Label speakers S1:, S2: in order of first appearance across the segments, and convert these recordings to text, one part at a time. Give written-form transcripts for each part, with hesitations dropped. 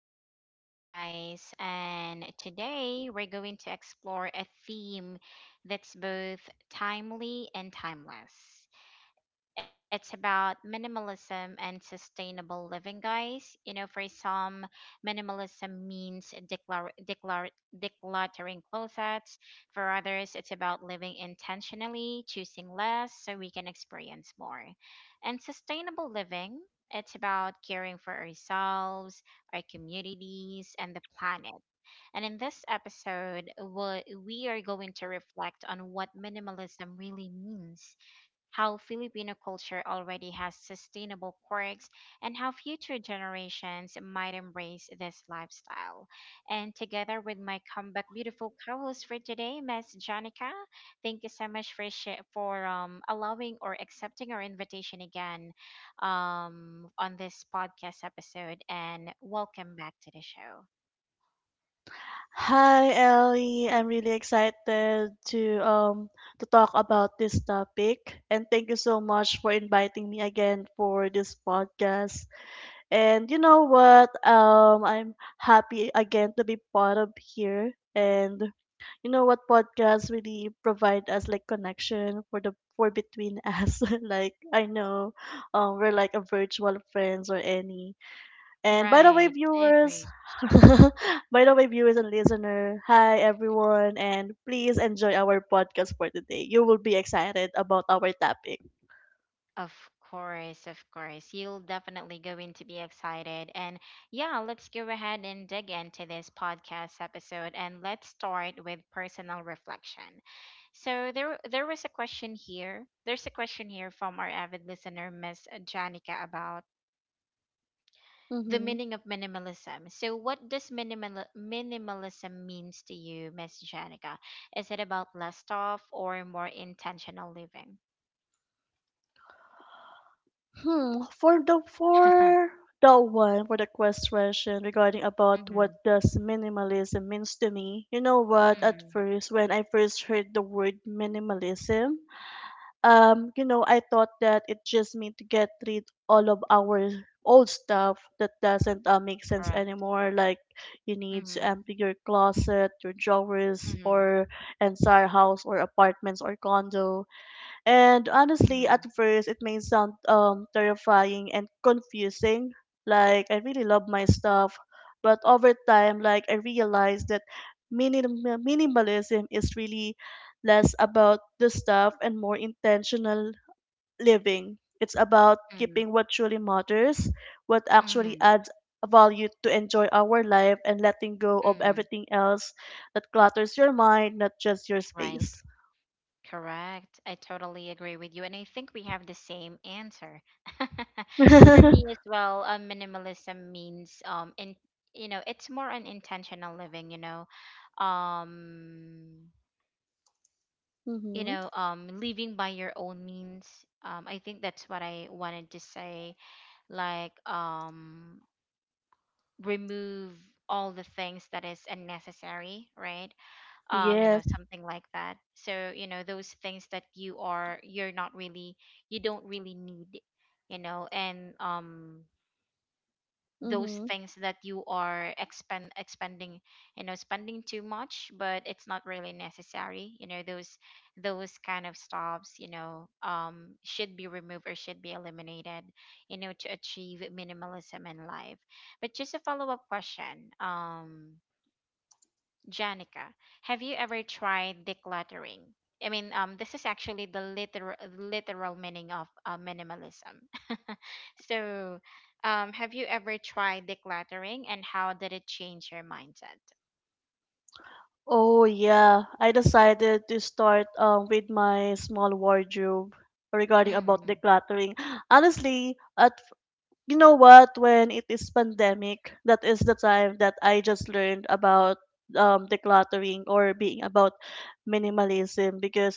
S1: to our podcast, guys. And today we're going to explore a theme that's both timely and timeless. It's about minimalism and sustainable living, guys. You know, for some, minimalism means decluttering closets. For others, it's about living intentionally, choosing less so we can experience more. And sustainable living, it's about caring for ourselves, our communities, and the planet. And in this episode, we are going to reflect on what minimalism really means, how Filipino culture already has sustainable quirks, and how future generations might embrace this lifestyle. And together with my comeback beautiful co-host for today, Miss Janica, thank you so much for allowing or accepting our invitation again, on this podcast episode, and welcome back to the show.
S2: Hi Ellie, I'm really excited to talk about this topic, and thank you so much for inviting me again for this podcast. And you know what? I'm happy again to be part of here. And you know what, podcasts really provide us like connection for the for between us. Like I know we're like a virtual friends or any. And by the
S1: Right,
S2: way,
S1: I agree.
S2: viewers, by the way, viewers and listener, hi everyone, and please enjoy our podcast for today. You will be excited about our topic.
S1: Of course, of course. You'll definitely going to be excited. And yeah, let's go ahead and dig into this podcast episode, and let's start with personal reflection. So there was a question here. There's a question here from our avid listener Miss Janica about the
S2: Mm-hmm.
S1: meaning of minimalism. So what does minimalism means to you, Miss Janica? Is it about less stuff or more intentional living?
S2: Hmm. For the one, for the question regarding about what
S1: Hmm,
S2: does minimalism means to me. You know what? At
S1: hmm.
S2: first, when I first heard the word minimalism, you know, I thought that it just meant to get rid all of our old stuff that doesn't make
S1: Correct.
S2: sense anymore. Like, you
S1: Mm-hmm.
S2: need to empty your closet, your drawers,
S1: Mm-hmm.
S2: or entire house or apartments or condo. And honestly,
S1: Mm-hmm.
S2: at first, it may sound terrifying and confusing. Like, I really love my stuff. But over time, like, I realized that minimalism is really less about the stuff and more intentional living. It's about keeping what truly matters, what actually
S1: Mm-hmm.
S2: adds value to enjoy our life, and letting go of
S1: Mm-hmm.
S2: everything else that clutters your mind, not just your
S1: Right.
S2: space.
S1: Correct. I totally agree with you. And I think we have the same answer. For me as well, minimalism means, in, you know, it's more an intentional living, you know. Um you
S2: Hmm.
S1: know, living by your own means. I think that's what I wanted to say. Like, remove all the things that is unnecessary, right? You know,
S2: Yes.
S1: something like that, so you know those things that you're not really, you don't really need, you know. And those
S2: Mm-hmm.
S1: things that you are expending, you know, spending too much but it's not really necessary, you know, those kind of stops, you know, should be removed or should be eliminated, you know, to achieve minimalism in life. But just a follow-up question, Janica, have you ever tried decluttering? I mean, this is actually the literal meaning of minimalism. So, have you ever tried decluttering, and how did it change your mindset?
S2: Oh yeah, I decided to start with my small wardrobe regarding about
S1: Mm,
S2: decluttering. Honestly, at, you know what, when it is pandemic, that is the time that I just learned about decluttering or being about minimalism, because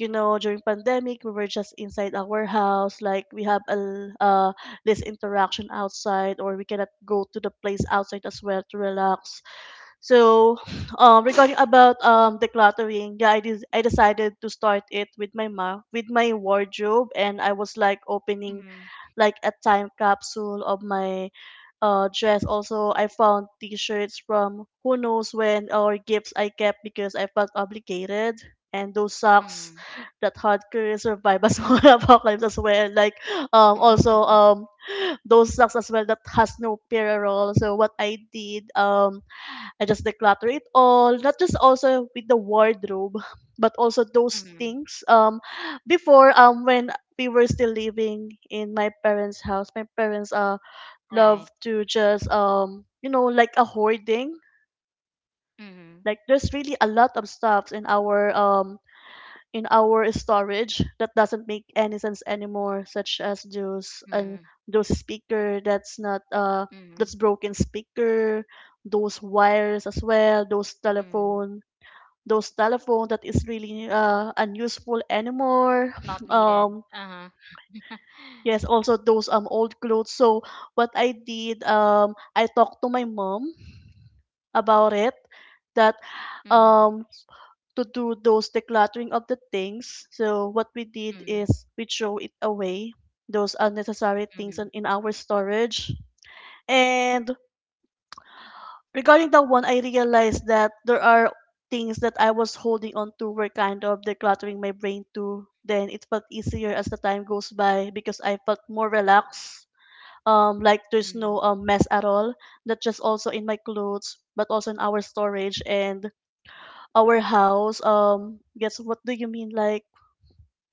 S2: you know, during pandemic we were just inside our house, like we have a less interaction outside, or we cannot go to the place outside as well to relax. So, regarding about decluttering, yeah, I decided to start it with my ma with my wardrobe, and I was like
S1: mm,
S2: opening like a time capsule of my dress. Also, I found T-shirts from who knows when, or gifts I kept because I felt obligated. And those
S1: mm.
S2: socks that hard career survive as well apocalypse as well. Like also those socks as well that has no parallel. So what I did, I just declutter it all, not just also with the wardrobe, but also those
S1: Mm.
S2: things. Before, when we were still living in my parents' house, my parents
S1: Right.
S2: love to just um, you know, like a hoarding.
S1: Mm,
S2: Like there's really a lot of stuff in our storage that doesn't make any sense anymore, such as those,
S1: mm,
S2: and those speaker that's not
S1: mm,
S2: that's broken speaker, those wires as well,
S1: mm.
S2: those telephone that is really unuseful
S1: Not
S2: anymore.
S1: needed.
S2: Um,
S1: Uh huh.
S2: yes, also those um, old clothes. So what I did, I talked to my mom about it, that
S1: Mm,
S2: um, to do those decluttering of the things. So what we did
S1: mm,
S2: is we throw it away, those unnecessary
S1: mm,
S2: things in our storage. And regarding that one, I realized that there are things that I was holding on to were kind of decluttering my brain too. Then it felt easier as the time goes by because I felt more relaxed. Like there's
S1: mm,
S2: no mess at all. Not just also in my clothes, but also in our storage and our house. Guess what do you mean? Like,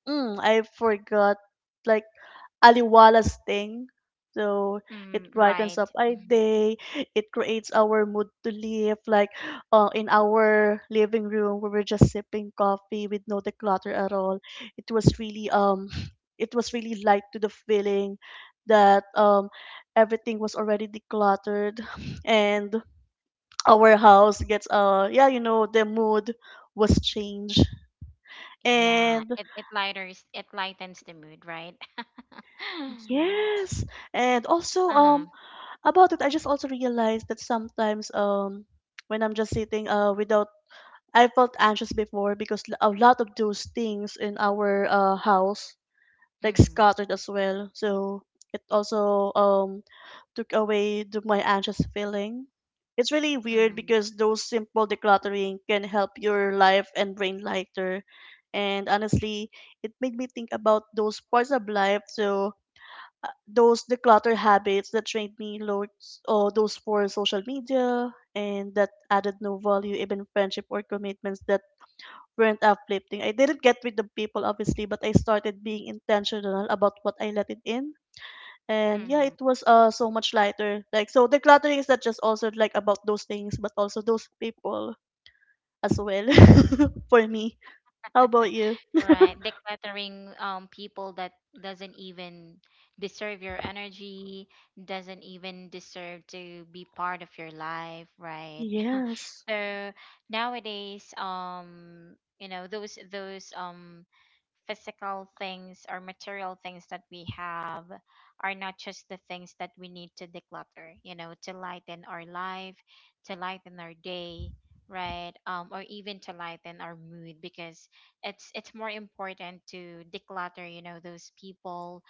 S2: mm, I forgot. Like aliwalas thing. So
S1: mm.
S2: it
S1: Right.
S2: brightens up our
S1: Mm-hmm.
S2: day. It creates our mood to live. Like in our living room, we were just sipping coffee with no declutter at all. It was really it was really light to the feeling that everything was already decluttered, and our house gets yeah, you know, the mood was changed.
S1: Yeah,
S2: And
S1: it lightens the mood, right?
S2: yes, and also
S1: uh huh.
S2: um, about it, I just also realized that sometimes um, when I'm just sitting uh, without, I felt anxious before because a lot of those things in our uh, house like
S1: Mm,
S2: scattered as well. So it also um, took away the, my anxious feeling. It's really weird
S1: mm,
S2: because those simple decluttering can help your life and brain lighter. And honestly, it made me think about those parts of life. So those declutter habits that drained me loads, or those for social media, and that added no value, even friendship or commitments that weren't uplifting. I didn't get with the people obviously, but I started being intentional about what I let it in. And yeah, it
S1: mm.
S2: was uh, so much lighter. Like, so decluttering is not just also like about those things, but also those people as well. For me, how about you?
S1: Right. Decluttering people that doesn't even deserve your energy, doesn't even deserve to be part of your life, right?
S2: Yes.
S1: So nowadays, you know, those, physical things or material things that we have are not just the things that we need to declutter, you know, to lighten our life, to lighten our day, right? Or even to lighten our mood, because it's more important to declutter, you know, those people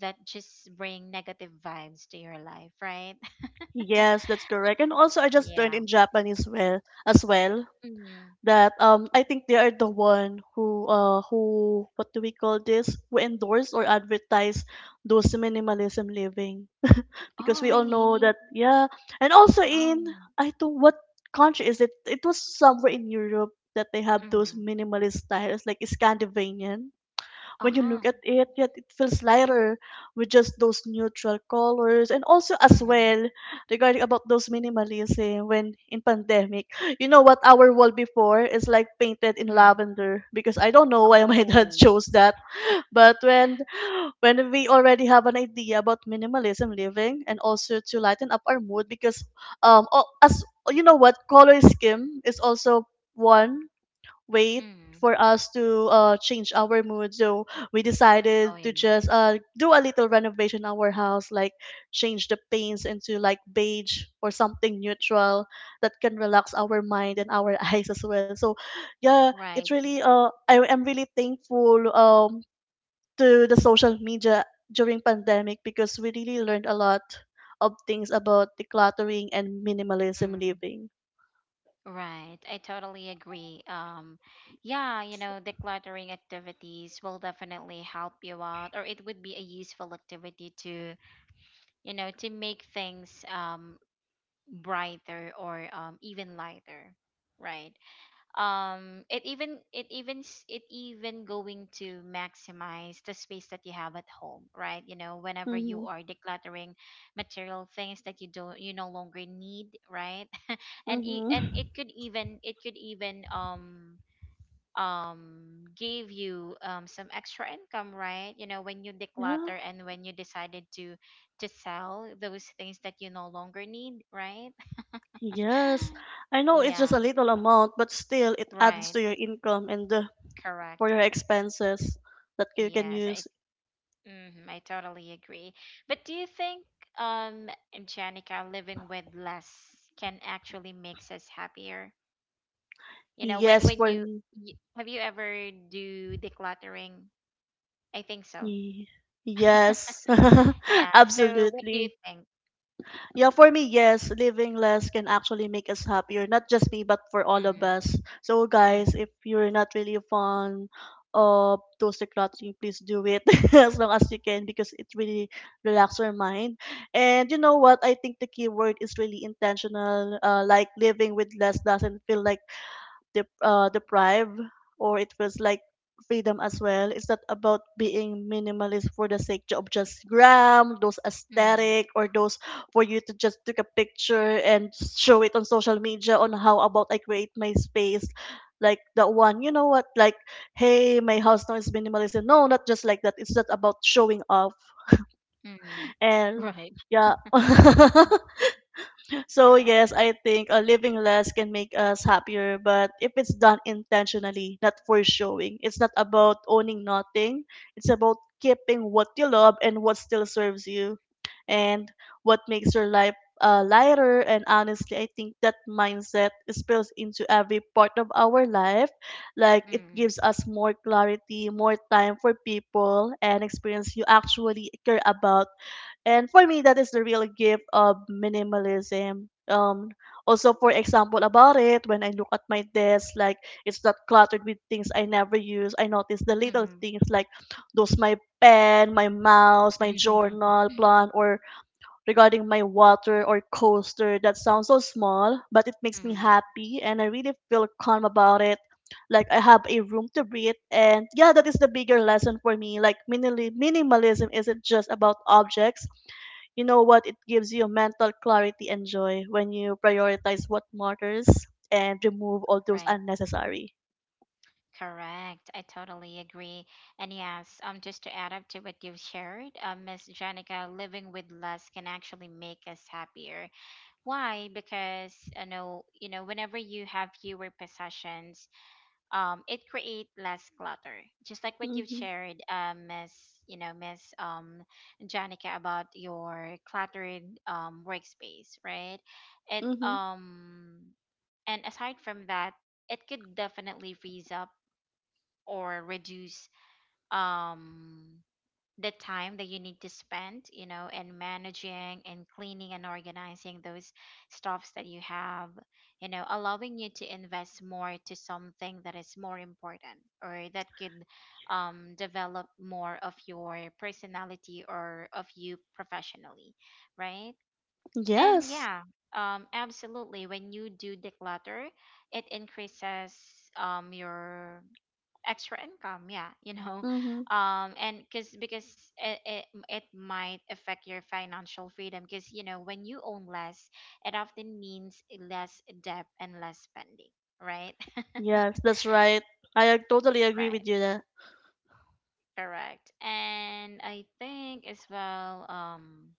S1: that just bring negative vibes to your life, right?
S2: Yes, that's correct. And also, I just learned
S1: Yeah.
S2: in Japanese well as well
S1: Mm-hmm.
S2: that um, I think they are the one who what do we call this, who endorse or advertise those minimalism living. Because
S1: Oh,
S2: we all know
S1: really?
S2: that, yeah. And also
S1: Oh.
S2: in, I don't what country is it, it was somewhere in Europe that they have those
S1: Mm-hmm.
S2: minimalist styles, like Scandinavian. When you
S1: Uh-huh.
S2: look at it, yet it feels lighter with just those neutral colors. And also as
S1: Mm-hmm.
S2: well, regarding about those minimalism when in pandemic, you know what, our wall before is like painted in
S1: Mm.
S2: lavender because I don't know why my dad
S1: Oh.
S2: chose that. But when we already have an idea about minimalism living, and also to lighten up our mood because um, as you know, what color scheme is also one, wait,
S1: Mm.
S2: for us to change our mood. So we
S1: Oh,
S2: decided
S1: yeah.
S2: to just do a little renovation in our house, like change the paints into like beige or something neutral that can relax our mind and our eyes as well. So yeah,
S1: Right.
S2: it's really I am really thankful um, to the social media during pandemic, because we really learned a lot of things about decluttering and minimalism
S1: Mm.
S2: living.
S1: Right. I totally agree. Yeah, you know, decluttering activities will definitely help you out, or it would be a useful activity to, you know, to make things brighter, or even lighter, right? It even, it even going to maximize the space that you have at home, right? You know, whenever you
S2: Mm-hmm.
S1: are decluttering material things that you no longer need, right? And
S2: Mm-hmm.
S1: it could even, give you some extra income, right? You know, when you
S2: Yeah.
S1: declutter and when you decided to sell those things that you no longer need, right?
S2: Yes, I know it's just
S1: Yeah,
S2: a little amount, but still it adds
S1: right.
S2: to your income and for
S1: Correct.
S2: your expenses that you can
S1: Yes,
S2: use.
S1: I totally agree. But do you think, um Janica, living with less can actually makes us happier? You know, when
S2: Yes,
S1: when
S2: for
S1: you, have you ever do decluttering? I think so.
S2: me. Yes,
S1: Yeah. So what do you
S2: absolutely.
S1: think?
S2: Yeah, for me, yes, living less can actually make us happier, not just me, but for all of
S1: Mhm.
S2: us. So, guys, if
S1: Mhm.
S2: you're not really fond of those decluttering, please do it as long as you can, because it really relaxes your mind. And you know what? I think the key word is really intentional. Like living with less doesn't feel like deprived, or it feels like freedom as well. It's not about being minimalist for the sake of just gram, those
S1: Mhm.
S2: aesthetic, or those for you to just take a picture and show it on social media on how about I create my space. Like the one, you know what? Like, hey, my house now is minimalist. No, not just like that. It's not about showing off.
S1: Mhm.
S2: And
S1: Right.
S2: yeah,
S1: Mm.
S2: so
S1: Correct.
S2: yes, I think living less can make us happier, but if it's done intentionally, not for showing, it's not about owning nothing. It's about keeping what you love and what still serves you, and what makes your life lighter. And honestly, I think that mindset spills into every part of our life. Like it
S1: Mm,
S2: gives us more clarity, more time for people, and experience you actually care about. And for me, that is the real gift of minimalism. Also, for example, about it, when I look at my desk, like it's not cluttered with things I never use. I notice the little
S1: mm,
S2: things, like those my pen, my mouse, my journal, plan, or regarding my water or coaster, that sounds so small, but it makes me
S1: mm.
S2: happy and I really feel calm about it. Like I have a room to breathe, and yeah, that is the bigger lesson for me. Like minimalism isn't just about objects. You know what? It gives you mental clarity and joy when you prioritize what matters and remove all those
S1: Right.
S2: unnecessary.
S1: Correct. I totally agree. And yes, just to add up to what you've shared, Miss Janica, living with less can actually make us happier. Why? Because, whenever you have fewer possessions, it creates less clutter. Just like what you've
S2: Mhm.
S1: shared, Miss, you know, Miss, Janica, about your cluttered workspace, right? It
S2: Mhm.
S1: And aside from that, it could definitely frees up or reduce um the time that you need to spend, you know, and managing and cleaning and organizing those stuffs that you have, you know, allowing you to invest more to something that is more important, or that could, develop more of your personality or of you professionally, right? And
S2: Yes.
S1: yeah, absolutely, when you do declutter it increases, your extra income, yeah. you know
S2: Mhm.
S1: and Because it might affect your financial freedom, because you know, when you own less, it often means less debt and less spending, right?
S2: Yes, that's right. Totally agree
S1: Right.
S2: with you there.
S1: Correct. And I think as well,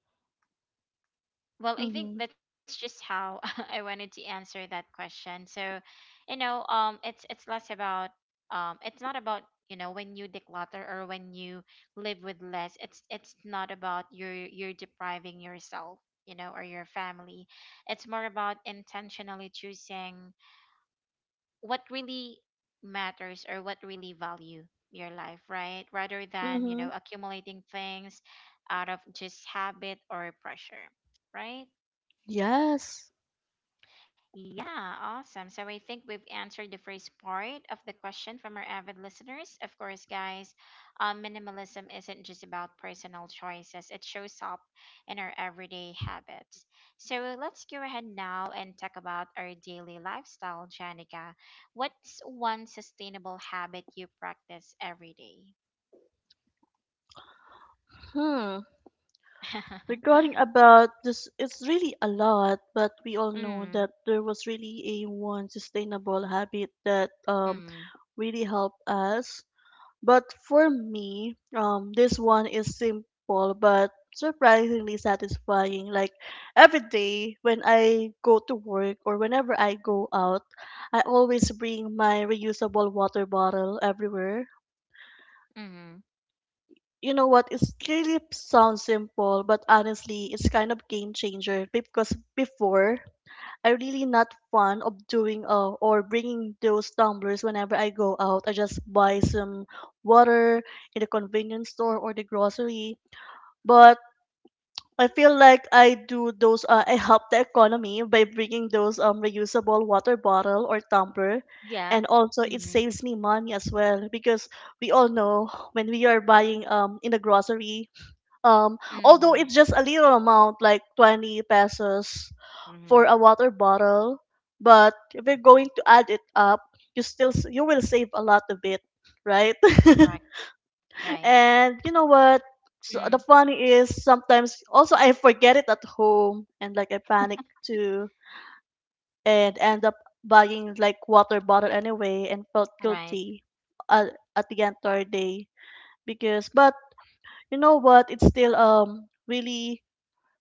S1: well, I think
S2: Mhm.
S1: that's just how I wanted to answer that question. So, you know, it's less about, it's not about, you know, when you declutter or when you live with less. It's not about you're depriving yourself, you know, or your family. It's more about intentionally choosing what really matters, or what really value your life, right? Rather than, you know,
S2: Mhm.
S1: accumulating things out of just habit or pressure, right?
S2: Yes.
S1: Yeah, awesome. So I think we've answered the first part of the question from our avid listeners. Of course, guys, minimalism isn't just about personal choices, it shows up in our everyday habits. So let's go ahead now and talk about our daily lifestyle, Janica. What's one sustainable habit you practice every day?
S2: Hmm. Regarding about this, it's really a lot, but we all know
S1: Mm,
S2: that there was really a one sustainable habit that um,
S1: mm,
S2: really helped us. But for me, this one is simple but surprisingly satisfying. Like every day when I go to work or whenever I go out, I always bring my reusable water bottle everywhere.
S1: mm,
S2: You know what? It really sounds simple, but honestly it's kind of game changer because before I really not fond of doing or bringing those tumblers whenever I go out. I just buy some water in the convenience store or the grocery, but I feel like I do those I help the economy by bringing those reusable water bottle or tumbler.
S1: yeah.
S2: And also it
S1: Mm,
S2: saves me money as well because we all know when we are buying in the grocery, um, although
S1: mm,
S2: it's just a little amount, like 20 pesos for a
S1: mm,
S2: water bottle, but if you're going to add it up, you you will save a lot of it, right?
S1: right, right.
S2: and you know what? So the
S1: Mm.
S2: funny is sometimes also I forget it at home and like I panic too and end up buying like water bottle anyway and felt
S1: Right.
S2: guilty at, at the entire day because, but you know what? It's still really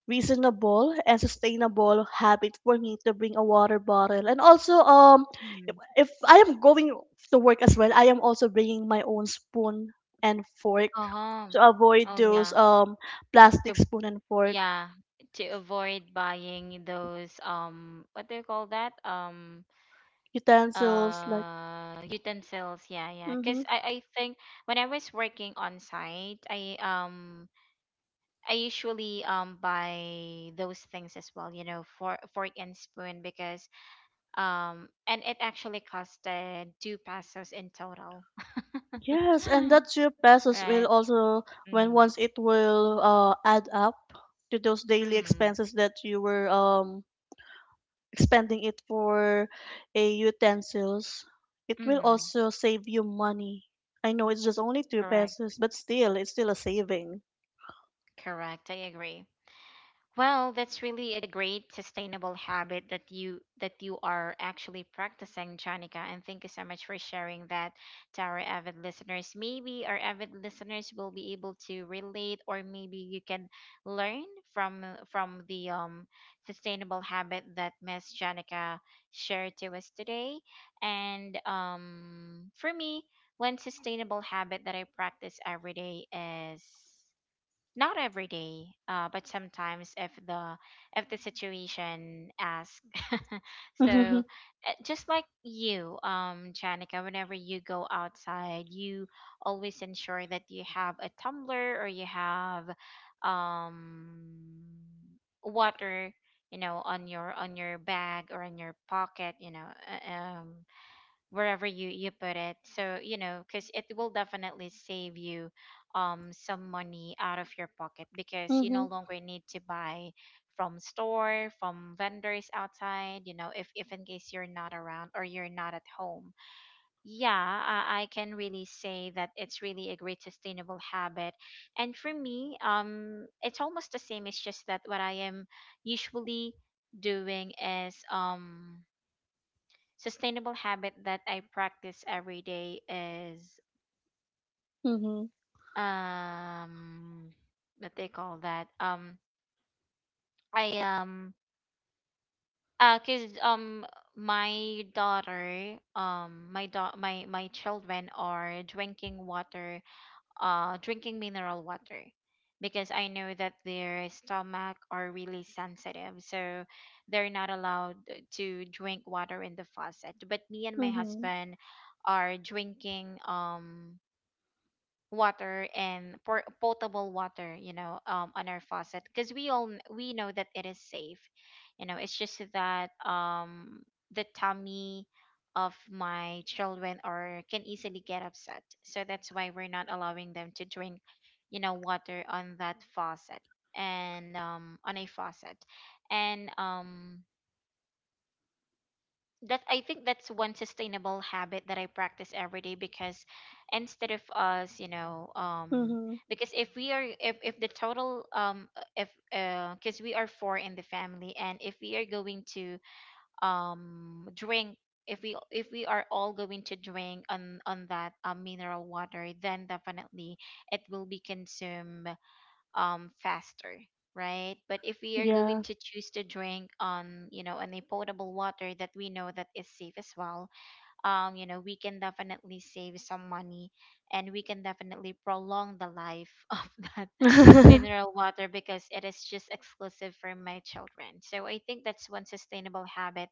S2: reasonable and sustainable habit for me to bring a water bottle. And also if,
S1: Mhm.
S2: if I am going to work as well, I am also bringing my own spoon and fork
S1: Uh-huh.
S2: to avoid
S1: Oh,
S2: those
S1: yeah.
S2: plastic
S1: To
S2: spoon and fork
S1: yeah, to avoid buying those, what do you call that?
S2: utensils like
S1: Utensils. Yeah, yeah.
S2: mm-hmm.
S1: 'Cause I think when I was working on site, I usually buy those things as well, you know, for fork and spoon. Because um and it actually costed 2 pesos in total.
S2: Yes, and that 2 pesos will
S1: Right.
S2: also, when
S1: Mhm.
S2: once it will add up to those daily
S1: Mhm.
S2: expenses that you were expanding it for a utensils, it will
S1: Mhm.
S2: also save you money. I know it's just only two
S1: Correct.
S2: pesos, but still, it's still a saving.
S1: Correct, I agree. Well, that's really a great sustainable habit that you are actually practicing, Janica. And thank you so much for sharing that to our avid listeners. Maybe our avid listeners will be able to relate, or maybe you can learn from from the sustainable habit that Miss Janica shared to us today. And, for me, one sustainable habit that I practice every day is— not every day, but sometimes if the, if the situation asks. So,
S2: Mhm.
S1: just like you, Janica, whenever you go outside, you always ensure that you have a tumbler or you have um water, you know, on your, on your bag or in your pocket, you know, wherever you put it, so you know, because it will definitely save you some money out of your pocket, because you no
S2: Mhm.
S1: longer need to buy from store, from vendors outside, you know, if in case you're not around or you're not at home. Yeah, I can really say that it's really a great sustainable habit. And for me, it's almost the same, it's just that what I am usually doing is, sustainable habit that I practice every day is,
S2: Mhm.
S1: um what they call that. I because my daughter, my my children are drinking water, drinking mineral water, because I know that their stomach are really sensitive, so they're not allowed to drink water in the faucet, but me and my
S2: Mhm.
S1: husband are drinking water and potable water, you know, on our faucet because we all we know that it is safe. You know, it's just that the tummy of my children or can easily get upset, so that's why we're not allowing them to drink, you know, water on that faucet. And on a faucet, and that I think that's one sustainable habit that I practice every day, because instead of us, you know,
S2: Mhm.
S1: because if the total if because we are four in the family and if we are going to drink, if we are all going to drink on that mineral water, then definitely it will be consumed faster, right? But if we are going
S2: Yeah.
S1: to choose to drink on, you know, on a potable water that we know that is safe as well, you know, we can definitely save some money and we can definitely prolong the life of that mineral water because it is just exclusive for my children. So I think that's one sustainable habit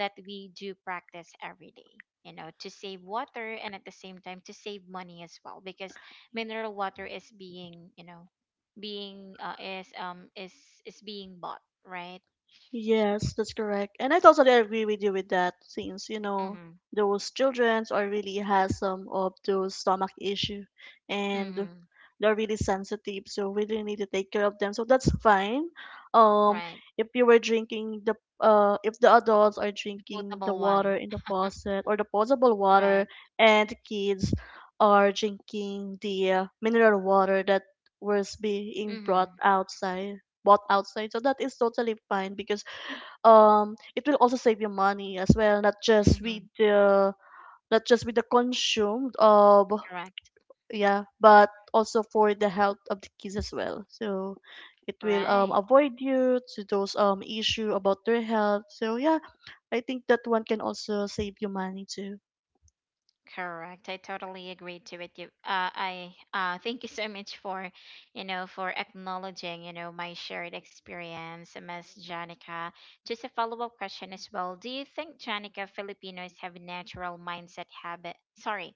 S1: that we do practice every day, you know, to save water and at the same time to save money as well, because mineral water is being, you know, being is being bought, right?
S2: Yes, that's correct. And I totally agree with you with that, since, you know,
S1: Mhm.
S2: those children are really has some of those stomach issue, and
S1: Mhm.
S2: they're really sensitive, so we really need to take care of them. So that's fine. Um,
S1: Right.
S2: if you were drinking the if the adults are
S1: The
S2: drinking the
S1: potable
S2: water
S1: one.
S2: in the faucet or the potable
S1: Right.
S2: water, and the kids are drinking the mineral water that was being brought
S1: Mhm.
S2: outside, bought outside, so that is totally fine because it will also save you money as well, not just with
S1: Mhm.
S2: the not just with the consumed uh,
S1: Correct.
S2: yeah, but also for the health of the kids as well. So it will
S1: Right.
S2: avoid you to those issue about their health. So yeah, I think that one can also save you money too.
S1: Correct, I totally agree to it. I thank you so much for, you know, for acknowledging, you know, my shared experience, Miss Janica. Just a follow-up question as well. Do you think Janica Filipinos have natural mindset habit? Sorry,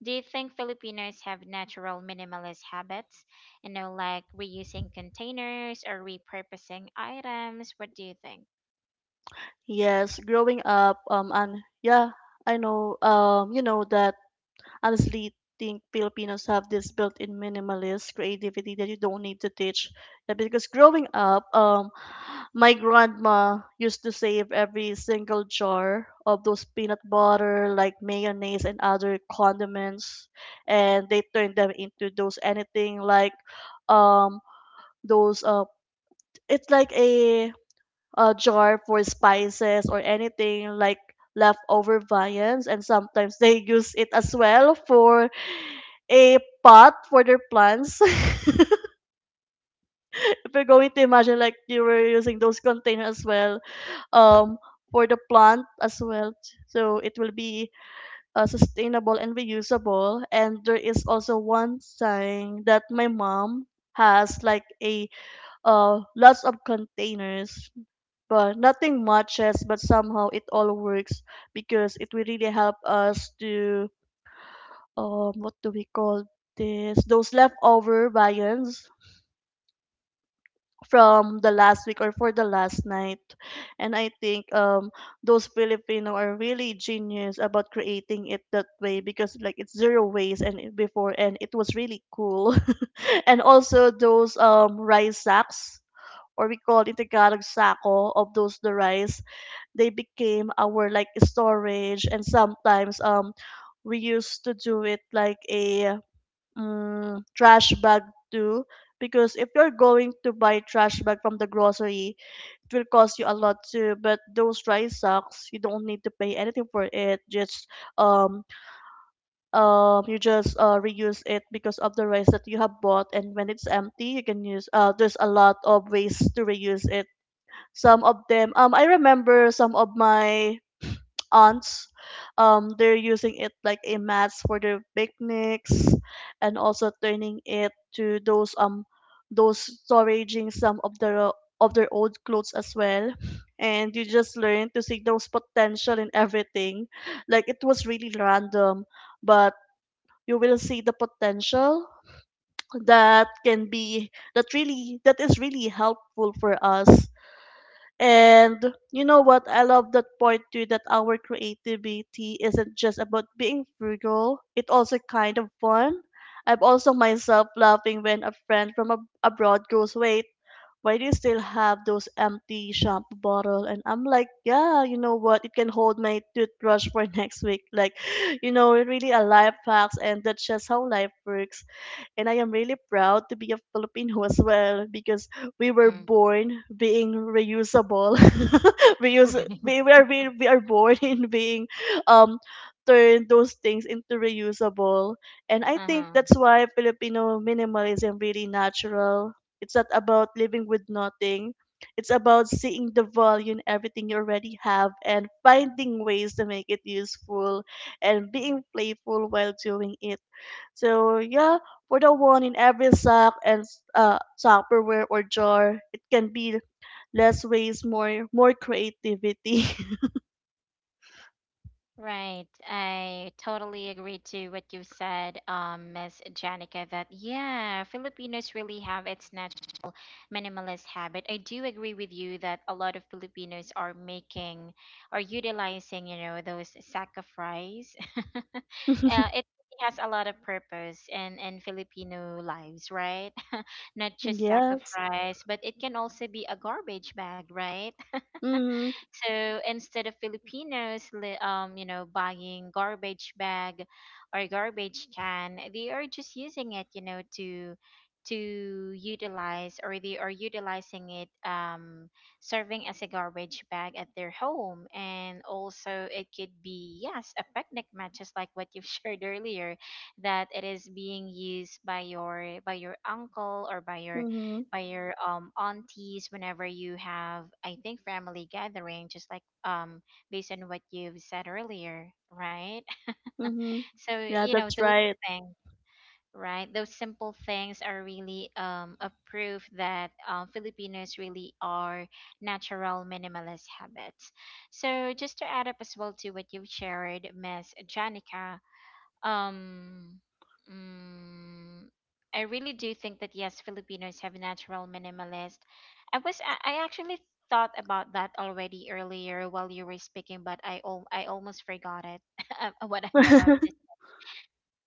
S1: do you think Filipinos have natural minimalist habits? You know, like reusing containers or repurposing items. What do you think?
S2: Yes, growing up, and yeah, I know, you know that honestly think Filipinos have this built-in minimalist creativity that you don't need to teach. Yeah, because growing up, my grandma used to save every single jar of those peanut butter, like mayonnaise and other condiments, and they turned them into those anything like, um, those it's like a jar for spices or anything like leftover viands, and sometimes they use it as well for a pot for their plants. if you're going to imagine, like you were using those containers as well, um, for the plant as well. So it will be sustainable and reusable. And there is also one sign that my mom has like a lots of containers, but nothing matches, but somehow it all works because it will really help us to what do we call this, those leftover viands from the last week or for the last night. And I think those Filipino are really genius about creating it that way, because like it's zero waste, and before and it was really cool. and also those rice sacks, or we call it the Tagalog sako of those the rice, they became our like storage. And sometimes we used to do it like a trash bag too, because if you're going to buy trash bag from the grocery, it will cost you a lot too. But those dry socks, you don't need to pay anything for it, just um you just reuse it because of the rice that you have bought, and when it's empty you can use uh, there's a lot of ways to reuse it. Some of them, I remember some of my aunts, they're using it like a mats for their picnics, and also turning it to those storaging some of their old clothes as well. And you just learn to see those potential in everything, like it was really random, but you will see the potential that can be, that really, that is really helpful for us. And you know what? I love that point too, that our creativity isn't just about being frugal, it also kind of fun. I'm also myself laughing when a friend from abroad goes, "Wait, why do you still have those empty shampoo bottle?" And I'm like, "Yeah, you know what? It can hold my toothbrush for next week." Like, you know, really a life hacks, and that's just how life works. And I am really proud to be a Filipino as well, because we were
S1: Mm.
S2: born being reusable. Reuse, we, we, are, we, we are born in being um turn those things into reusable. And I think
S1: Right. Uh.
S2: that's why Filipino minimalism really natural. It's not about living with nothing. It's about seeing the value in everything you already have and finding ways to make it useful and being playful while doing it. So yeah, for the one in every sack and Tupperware or jar, it can be less waste, more creativity.
S1: Right, I totally agree to what you said, Miss Janica, that yeah, Filipinos really have its natural minimalist habit. I do agree with you that a lot of Filipinos are making or utilizing, you know, those sack of sacrifice. Uh, it has a lot of purpose in Filipino lives, right? Not just sack of
S2: yes.
S1: sacrifice, but it can also be a garbage bag, right?
S2: Mhm.
S1: So instead of Filipinos, you know, buying garbage bag or garbage can, they are just using it, you know, to utilize, or they are utilizing it, serving as a garbage bag at their home. And also it could be, yes, a picnic mat, just like what you've shared earlier, that it is being used by your uncle or by your
S2: Mhm.
S1: aunties whenever you have, I think, family gathering, just like based on what you've said earlier, right?
S2: Mhm.
S1: So,
S2: Yeah,
S1: you know,
S2: that's
S1: those
S2: right.
S1: things, right? Those simple things are really a proof that Filipinos really are natural minimalist habits. So, just to add up as well to what you've shared, Miss Janica, um, mm, I really do think that yes, Filipinos have natural minimalist. I was I actually thought about that already earlier while you were speaking, but I almost forgot it what I'm about to.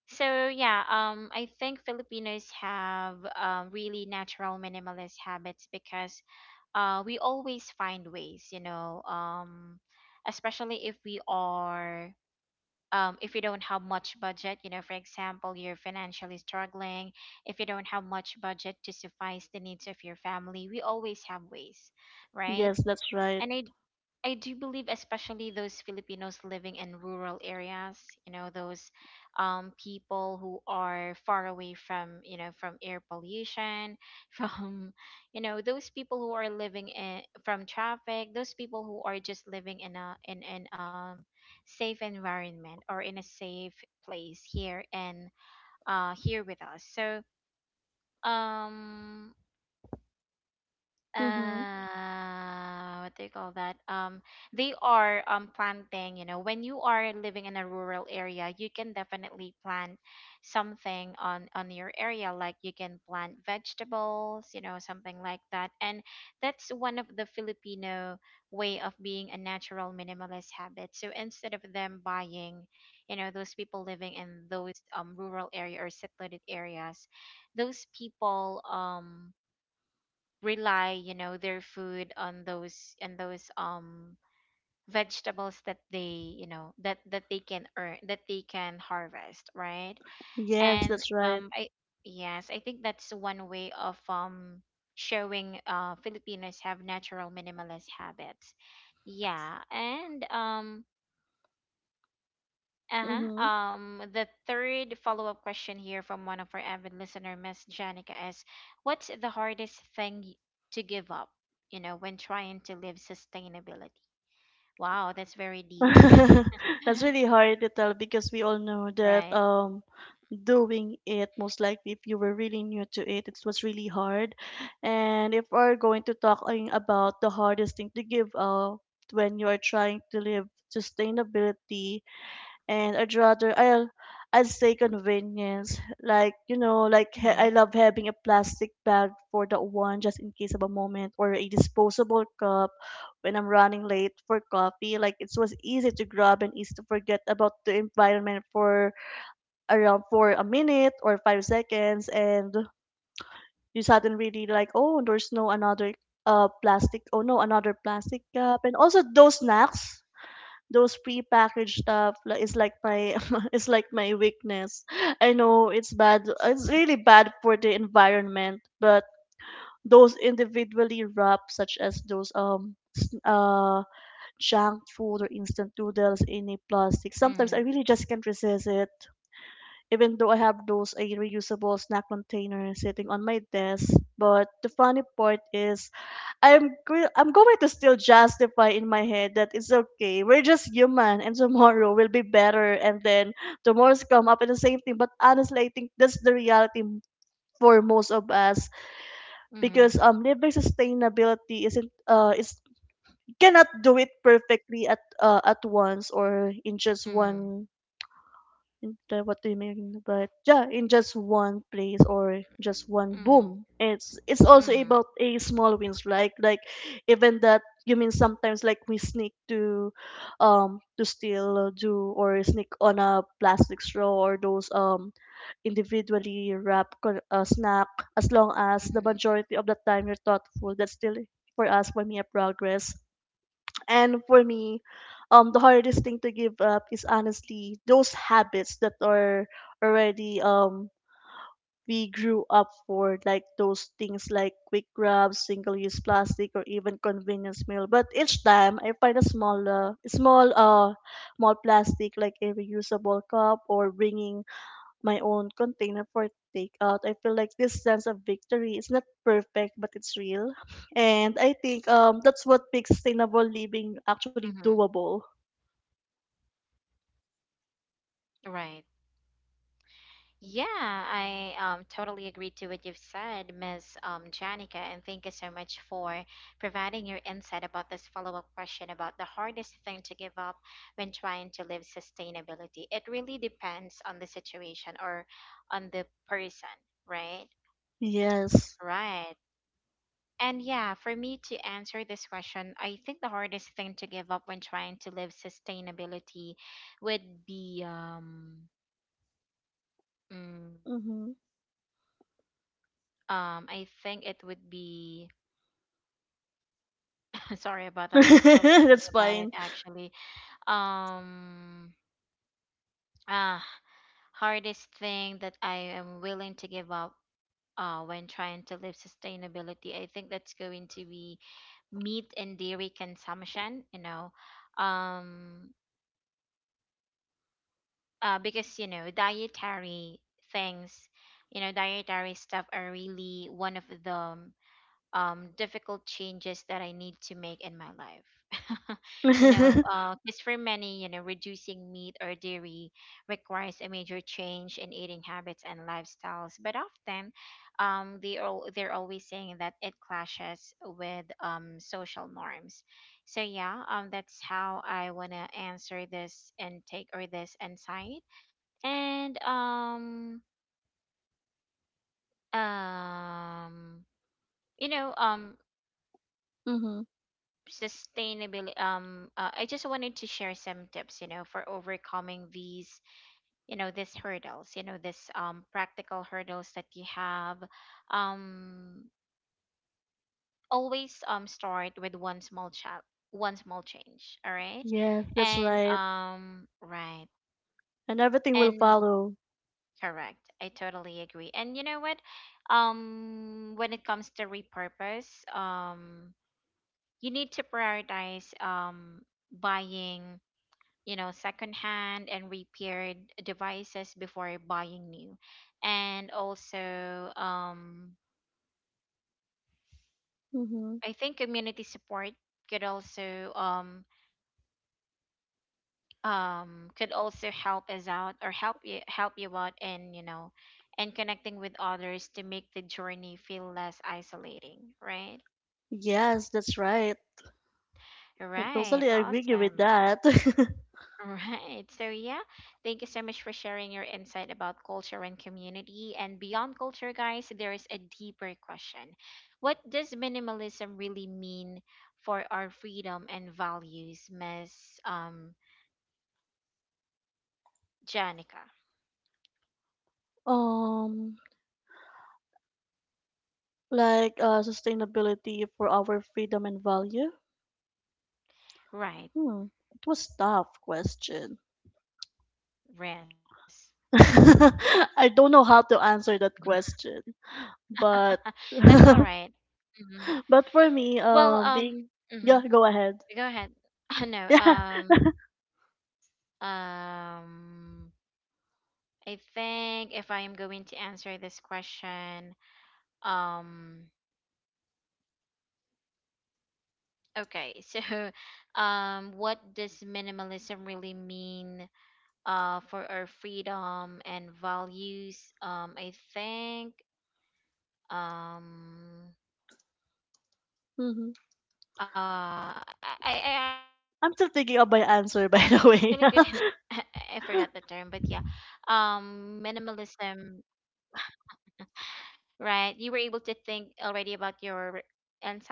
S1: So yeah, I think Filipinos have, really natural minimalist habits because we always find ways, you know, especially if we are if you don't have much budget, you know, for example, you're financially struggling, if you don't have much budget to suffice the needs of your family, we always have ways, right?
S2: yes, that's right.
S1: And I do believe, especially those Filipinos living in rural areas, you know, those people who are far away from, you know, from air pollution, from, you know, those people who are living in, from traffic, those people who are just living in a in an safe environment or in a safe place here and, here with us. So um
S2: Mhm.
S1: what do you call that? They are planting, you know, when you are living in a rural area, you can definitely plant something on your area, like you can plant vegetables, you know, something like that. And that's one of the Filipino way of being a natural minimalist habit. So instead of them buying, you know, those people living in those rural area or secluded areas, those people rely, you know, their food on those and those vegetables that they, you know, that they can earn, that they can harvest, right?
S2: Yes,
S1: and
S2: that's right.
S1: I Yes, I think that's one way of showing Filipinos have natural minimalist habits. Yeah. and uh-huh.
S2: Mhm.
S1: The third follow-up question here from one of our avid listener, Miss Janica, is what's the hardest thing to give up, you know, when trying to live sustainability? Wow, that's very deep.
S2: That's really hard to tell because we all know that
S1: Right.
S2: doing it, most likely if you were really new to it, it was really hard. And if we're going to talking about the hardest thing to give up when you are trying to live sustainability, and I'd rather I'll I'd say convenience. Like you know, like
S1: Mm-hmm.
S2: I love having a plastic bag for that one, just in case of a moment, or a disposable cup when I'm running late for coffee. Like it was easy to grab and easy to forget about the environment for around for a minute or 5 seconds. And you suddenly really like, oh there's no another plastic, oh, no another plastic cup. And also those snacks, those prepackaged stuff is like my is like my weakness. I know it's bad. It's really bad for the environment, but those individually wrapped, such as those junk food or instant noodles in a plastic,
S1: Mm-hmm.
S2: sometimes I really just can't resist it. Even though I have those a reusable snack container sitting on my desk, but the funny part is I'm going to still justify in my head that it's okay. We're just human, and tomorrow will be better, and then tomorrow's come up and the same thing. But honestly, I think that's the reality for most of us,
S1: Mm-hmm.
S2: because living sustainability isn't uh, is cannot do it perfectly at once or in just one, and, what do you mean? But yeah, in just one place or just one boom.
S1: Mm-hmm.
S2: It's also
S1: Mm-hmm.
S2: about a small wins, like even that you mean sometimes like we sneak to steal do or sneak on a plastic straw, or those individually wrapped snack. As long as the
S1: Mm-hmm.
S2: majority of the time you're thoughtful, that's still for us, for me, a progress. And for me, the hardest thing to give up is honestly those habits that are already we grew up for, like those things like quick grabs, single-use plastic, or even convenience meal. But each time I find a small, small plastic like a reusable cup, or bringing my own container for takeout, I feel like this sense of victory is not perfect, but it's real. And I think that's what makes
S1: Mm-hmm.
S2: sustainable living actually doable.
S1: Right. Yeah, I totally agree to what you've said, Miss Janica, and thank you so much for providing your insight about this follow-up question about the hardest thing to give up when trying to live sustainability. It really depends on the situation or on the person, right?
S2: Yes.
S1: Right. And yeah, for me to answer this question, I think the hardest thing to give up when trying to live sustainability would be mm,
S2: Mm-hmm.
S1: I think it would be sorry about that. I'm still thinking
S2: that's
S1: about it
S2: fine.
S1: actually. Um, ah, hardest thing that I am willing to give up when trying to live sustainability, I think that's going to be meat and dairy consumption, you know, um, because, you know, dietary things, you know, dietary stuff are really one of the difficult changes that I need to make in my life. You know,
S2: mm-hmm.
S1: because for many, you know, reducing meat or dairy requires a major change in eating habits and lifestyles. But often, they're always saying that it clashes with, social norms. So yeah, that's how I wanna answer this intake or this insight. And um, you know, sustainability, I just wanted to share some tips, you know, for overcoming these, you know, these hurdles, you know, this practical hurdles that you have. um Always start with one small chat, one small change, all right?
S2: Yes, that's
S1: and
S2: right.
S1: Right.
S2: And everything will
S1: And
S2: follow.
S1: correct, I totally agree. And you know what, when it comes to repurpose, um you need to prioritize buying, you know, secondhand and repaired devices before buying new. And also,
S2: Mm-hmm.
S1: I think community support could also um, could also help us out or help you out in, you know, and connecting with others to make the journey feel less isolating, right?
S2: Yes, that's right. I
S1: Right.
S2: totally agree with
S1: Awesome.
S2: that.
S1: All right. So, yeah, thank you so much for sharing your insight about culture and community. And beyond culture, guys, there is a deeper question. What does minimalism really mean for our freedom and values, Miss Janica?
S2: um, like sustainability for our freedom and value.
S1: Right.
S2: Hmm, it was tough question.
S1: Rest.
S2: I don't know how to answer that question, but
S1: That's all right. Mhm.
S2: but for me,
S1: Well,
S2: being
S1: mhm.
S2: yeah, go ahead.
S1: Go ahead. No,
S2: Yeah,
S1: um, I think if I am going to answer this question, Um okay, so what does minimalism really mean for our freedom and values? I think um
S2: hmm,
S1: uh I I I actually didn't
S2: I'm still thinking of
S1: I
S2: my
S1: forgot the
S2: answer. By
S1: term, but
S2: the
S1: yeah.
S2: way,
S1: Um, minimalism, right? You were able to think already about your insight about this question.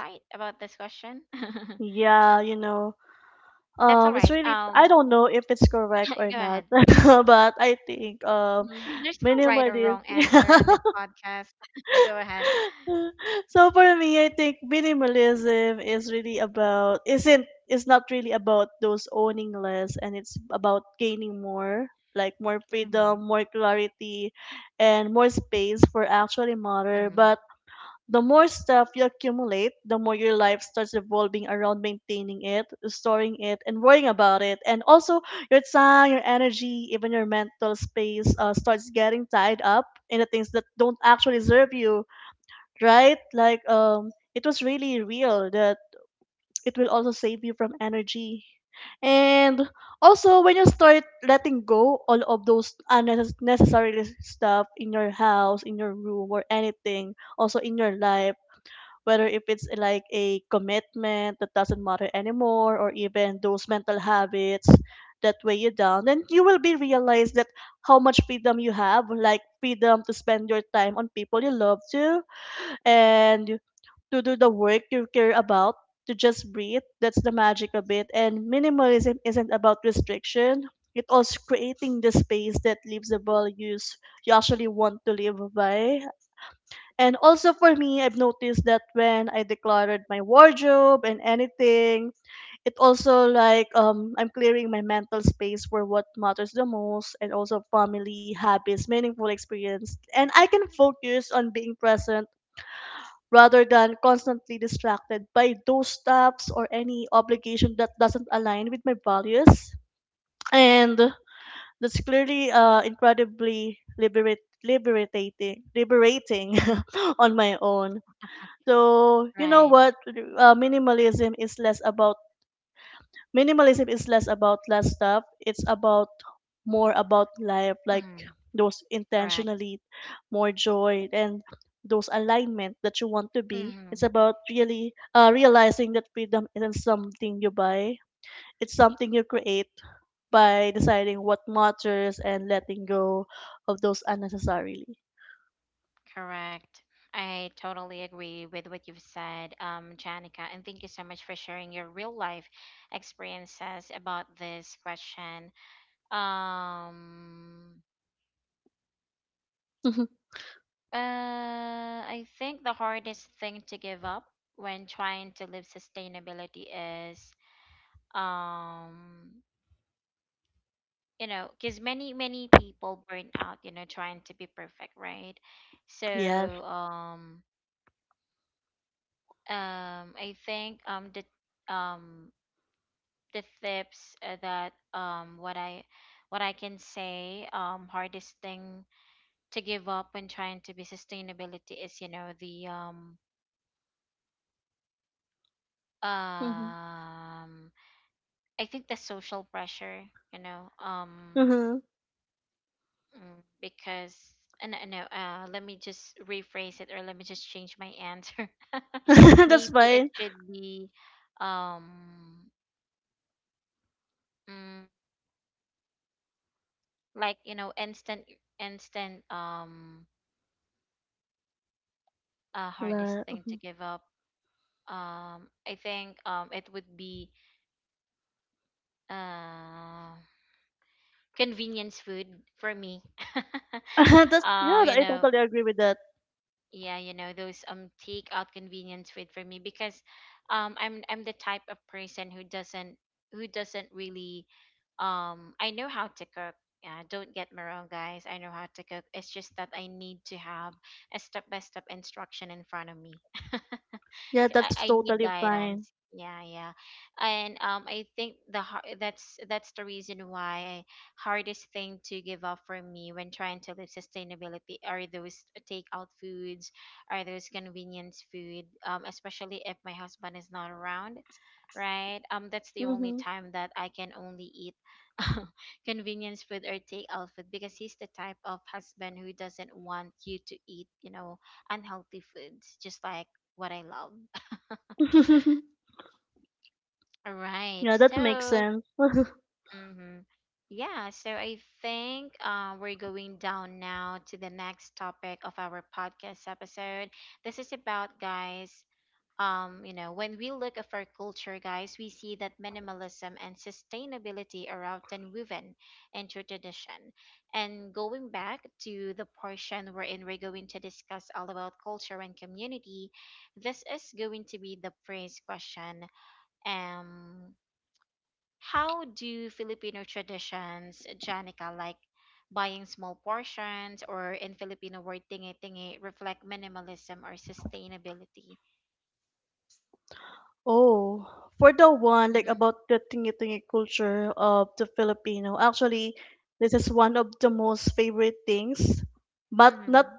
S2: yeah, you
S1: That's
S2: know,
S1: all right. Um.
S2: it's really I don't know if it's
S1: Go ahead.
S2: correct or not, but I think
S1: Mhm. There's no right or wrong
S2: minimalism.
S1: answer on this
S2: Yeah.
S1: podcast. Go ahead.
S2: so for me, I think minimalism is really about isn't it's not really about those owning less, and it's about gaining more, like more
S1: Mm-hmm.
S2: freedom, more clarity, and more space for actually matter.
S1: Mm-hmm.
S2: But the more stuff you accumulate, the more your life starts revolving around maintaining it, storing it, and worrying about it. And also your time, your energy, even your mental space starts getting tied up in the things that don't actually serve you, right? Like it was really real that it will also save you from energy. And also, when you start letting go all of those unnecessary stuff in your house, in your room, or anything, also in your life, whether if it's like a commitment that doesn't matter anymore, or even those mental habits that weigh you down, then you will be realized that how much freedom you have, like freedom to spend your time on people you love to, and to do the work you care about, to just breathe. That's the magic of it. And minimalism isn't about restriction. It also creating the space that leaves the values you actually want to live by. And also for me, I've noticed that when I decluttered my wardrobe and anything, it also like I'm clearing my mental space for what matters the most and also family, habits, meaningful experience. And I can focus on being present rather than constantly distracted by those stuffs or any obligation that doesn't align with my values. And that's clearly incredibly liberating on my own. So, you know
S1: Right.
S2: what? Minimalism is less about less stuff, it's about more about life, like
S1: Mm-hmm.
S2: those
S1: Correct.
S2: intentionally more joy and those alignment that you want to be. It's
S1: Mm-hmm.
S2: about really realizing that freedom isn't something you buy, it's something you create by deciding what matters and letting go of those unnecessarily.
S1: Correct. I totally agree with what you've said, Janica, and thank you so much for sharing your real life experiences about this question. Um,
S2: Mhm.
S1: I think the hardest thing to give up when trying to live sustainability is um you know, because many many people burn out, you know, trying to be perfect, right? So
S2: Yes.
S1: um I think the tips, that what I can say, hardest thing to give up when trying to be sustainability is, you know, the
S2: Hmm.
S1: um I think the social pressure, you know.
S2: Hmm.
S1: Mm, because no, no, let me just rephrase it or let me just change my answer.
S2: That's
S1: Maybe it
S2: fine.
S1: should be um mm, like, you know, instant, hardest
S2: La-
S1: thing to
S2: mhm.
S1: give up. I think it would be uh convenience food for me.
S2: That's, yeah,
S1: You
S2: I
S1: know,
S2: totally agree with that.
S1: yeah, you know, those takeout convenience food for me, because I'm the type of person who doesn't really, I know how to cook. Yeah, don't get me wrong, guys. I know how to cook. It's just that I need to have a step by step instruction in front of me.
S2: Yeah, that's
S1: I need
S2: totally fine.
S1: guidance. Yeah, yeah. And I think that's the reason why hardest thing to give up for me when trying to live sustainability are those takeout foods, are those convenience food, especially if my husband is not around, right? Um, that's the only
S2: Mhm.
S1: time that I can only eat convenience food or takeout food, because he's the type of husband who doesn't want you to eat, you know, unhealthy foods just like what I love. Alright,
S2: Yeah, that makes
S1: So,
S2: sense.
S1: hmm, yeah, so I think, we're going down now to the next topic of our podcast episode. This is about, guys, you know, when we look at our culture, guys, we see that minimalism and sustainability are often woven into tradition. And going back to the portion wherein we're going to discuss all about culture and community, this is going to be the first question. Um, how do Filipino traditions, Janica, like buying small portions or in Filipino word tingi tingi, reflect minimalism or sustainability?
S2: Oh, for the one like
S1: Mm-hmm.
S2: about the tingi-tingi culture of the Filipino, actually, this is one of the most favorite things, but not
S1: Mm-hmm.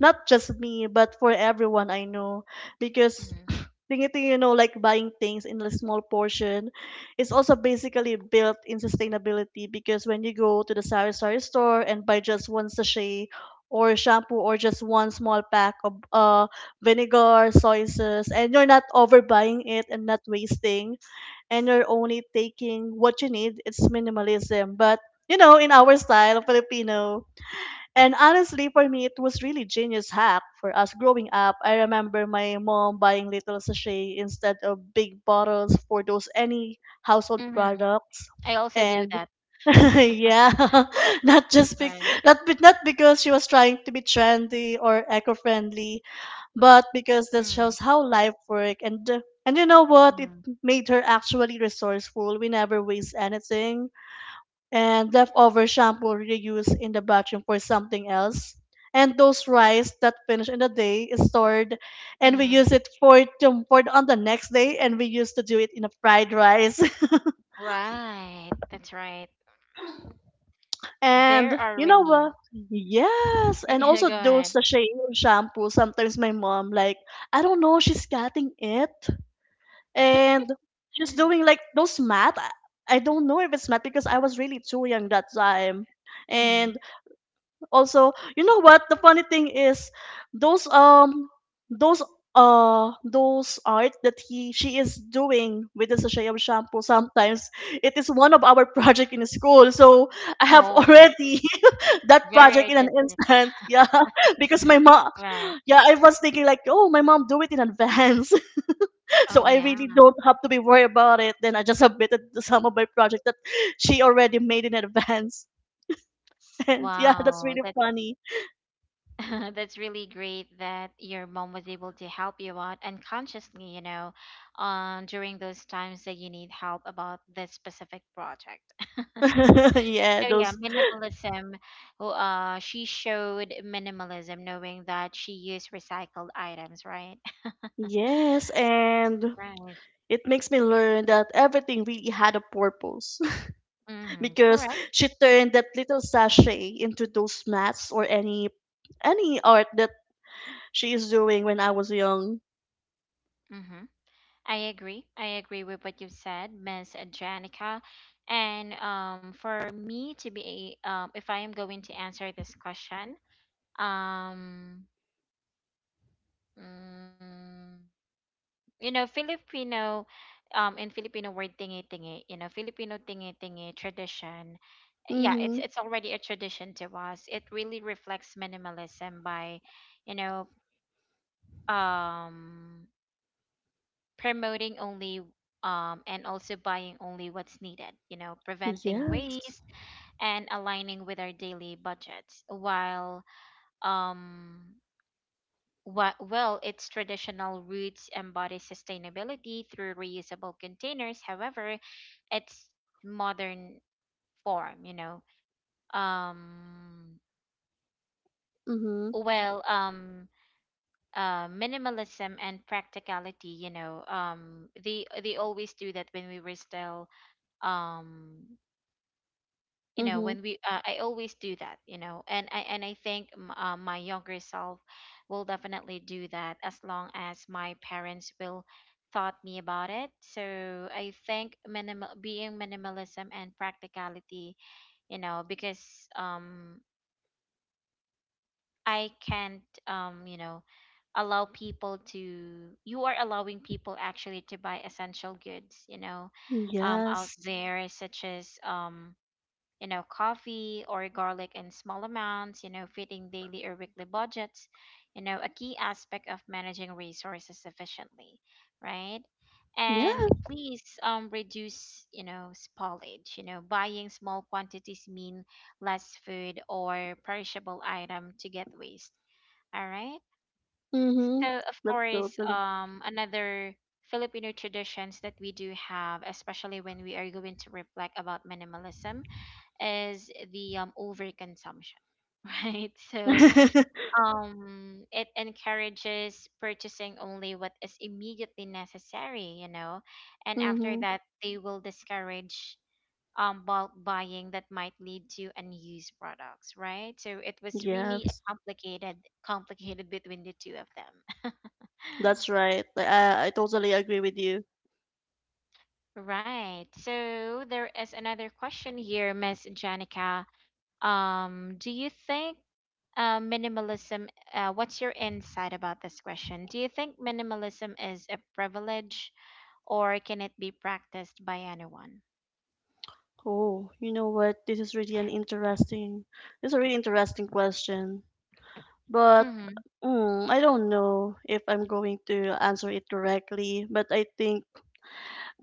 S2: not just me, but for everyone I know, because
S1: Mm-hmm.
S2: tingi-tingi, you know, like buying things in a small portion, is also basically built in sustainability because when you go to the sari-sari store and buy just one sachet or shampoo or just one small pack of vinegar, soy sauce, and you're not overbuying it and not wasting, and you're only taking what you need. It's minimalism, but you know, in our style, Filipino. And honestly, for me, it was really genius hack for us growing up. I remember my mom buying little sachet instead of big bottles for those any
S1: Mm-hmm.
S2: household
S1: I
S2: products.
S1: also do that.
S2: And yeah, not
S1: Right.
S2: just be- not because she was trying to be trendy or eco-friendly but because that
S1: Mm,
S2: shows how life work, and you know what,
S1: mm,
S2: it made her actually resourceful. We never waste anything, and leftover shampoo reused in the bathroom for something else, and those rice that finish in the day is stored and we
S1: mm.
S2: use it for, to, for on the next day, and we used to do it in a fried rice.
S1: Right. That's right.
S2: And
S1: There are
S2: you know
S1: really.
S2: what, yes, and
S1: Yeah, go
S2: also those
S1: ahead.
S2: sachet shampoo sometimes my mom like, I don't know, she's cutting it and just doing like those math. I don't know if it's math because I was really too young that time.
S1: Mm-hmm.
S2: And also, you know what? The funny thing is, those um, those those art that he she is doing with the sachet of shampoo. Sometimes it is one of our project in school. So I have
S1: Oh,
S2: already that
S1: very
S2: project in an
S1: artistic.
S2: instant. Yeah, because my mom.
S1: Right.
S2: Yeah, I was thinking like, oh, my mom do it in advance. So
S1: Oh,
S2: I
S1: yeah.
S2: really don't have to be worried about it. Then I just submitted the some of my project that she already made in advance. And yeah, that's
S1: Wow.
S2: really
S1: That's.
S2: funny.
S1: That's really great that your mom was able to help you out unconsciously, during those times that you need help about this specific project.
S2: Yeah,
S1: So yeah,
S2: those.
S1: minimalism. She showed minimalism, knowing that she used recycled items, right?
S2: Yes, and
S1: Right.
S2: it makes me learn that everything really had a purpose
S1: Mm-hmm.
S2: because
S1: Correct.
S2: she turned that little sachet into those mats or any art that she is doing when I was young.
S1: Mm-hmm. I agree. I agree with what you said, Miss Janica. And For me to be, if I am going to answer this question, um mm, filipino in filipino word tingi tingi filipino tingi tingi tradition, yeah, it's
S2: Mhm.
S1: it's already a tradition to us. It really reflects minimalism by, you know um promoting only, and also buying only what's needed, preventing
S2: Yes.
S1: waste and aligning with our daily budgets while, um well, its traditional roots embody sustainability through reusable containers. However, its modern form, um,
S2: Mhm.
S1: well, um, minimalism and practicality, they always do that when we were still, um
S2: Mhm.
S1: when we I always do that, and I think, my younger self will definitely do that as long as my parents will taught me about it. So I think minimal being minimalism and practicality, you know because I can't, allow people to, you are allowing people actually to buy essential goods, out
S2: Yes.
S1: there such as, coffee or garlic in small amounts, you know, fitting daily or weekly budgets, you know, a key aspect of managing resources efficiently, right?
S2: Yeah.
S1: And please, reduce, you know, spoilage. You know, buying small quantities mean less food or perishable item to get waste. All right.
S2: Mm-hmm.
S1: So of
S2: That's
S1: course,
S2: totally.
S1: another Filipino traditions that we do have, especially when we are going to reflect about minimalism is the overconsumption, right? So it encourages purchasing only what is immediately necessary, you know, and after
S2: Mm-hmm.
S1: that, they will discourage bulk buying that might lead to unused products, right? So it was really a
S2: Yes,
S1: complicated, complicated between the two of them.
S2: that's right. Like, I totally agree with you.
S1: Right. So there is another question here, Miss Janica. Do you think, minimalism. What's your insight about this question? Do you think minimalism is a privilege or can it be practiced by anyone?
S2: Oh, you know what? This is a really interesting question. But
S1: Mm-hmm.
S2: mm, I don't know if I'm going to answer it correctly. But I think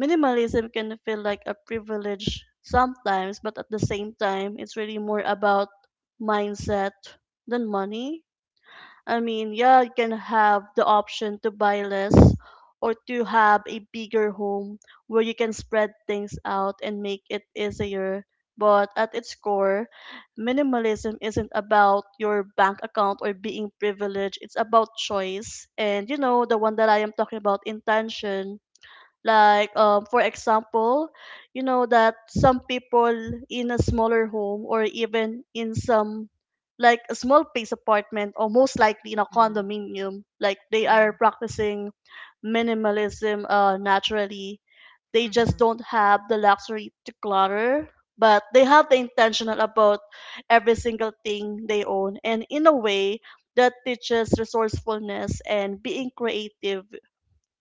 S2: minimalism can feel like a privilege sometimes, but at the same time, it's really more about mindset than money. I mean, yeah, you can have the option to buy less or to have a bigger home where you can spread things out and make it easier. But at its core, minimalism isn't about your bank account or being privileged. It's about choice. And you know, the one that I am talking about, intention, like, for example, you know that some people in a smaller home or even in some like a small place apartment or most likely in a
S1: Mm-hmm.
S2: condominium, like they are
S1: Mm-hmm.
S2: practicing minimalism naturally. They just
S1: Mm-hmm.
S2: don't have the luxury to clutter, but they have the intentional about every single thing they own. And in a way, that teaches resourcefulness and being creative.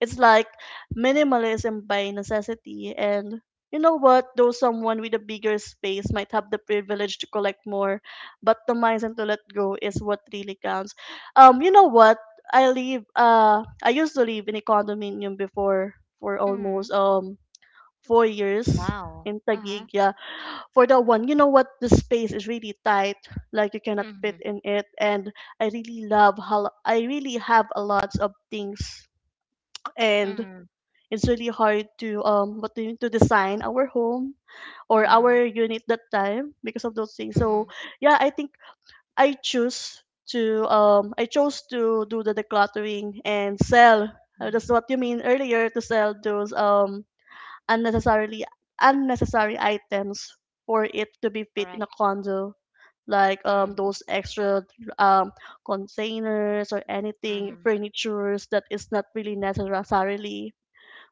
S2: It's like minimalism by necessity. And you know what? Though someone with a bigger space might have the privilege to collect more, but the mindset to let go is what really counts. You know what? I used to live in a condominium before for
S1: Mm-hmm.
S2: almost 4 years
S1: Wow.
S2: in
S1: Mm-hmm.
S2: Taguig, yeah. For that one, you know what? The space is really tight, like you cannot fit
S1: Mm-hmm.
S2: in it, and I really love how I really have a lot of things, and
S1: Mm-hmm.
S2: it's really hard to what do you, to design our home or
S1: Mm-hmm.
S2: our unit that time because of those things. So
S1: Mm-hmm.
S2: yeah, I think I choose to I chose to do the decluttering and sell.
S1: Mm-hmm.
S2: That's what you mean earlier, to sell those unnecessarily unnecessary items for it to be fit in
S1: Correct.
S2: a condo, like
S1: Mm-hmm.
S2: those extra um containers or anything
S1: Mm-hmm.
S2: furnitures that is not really necessarily.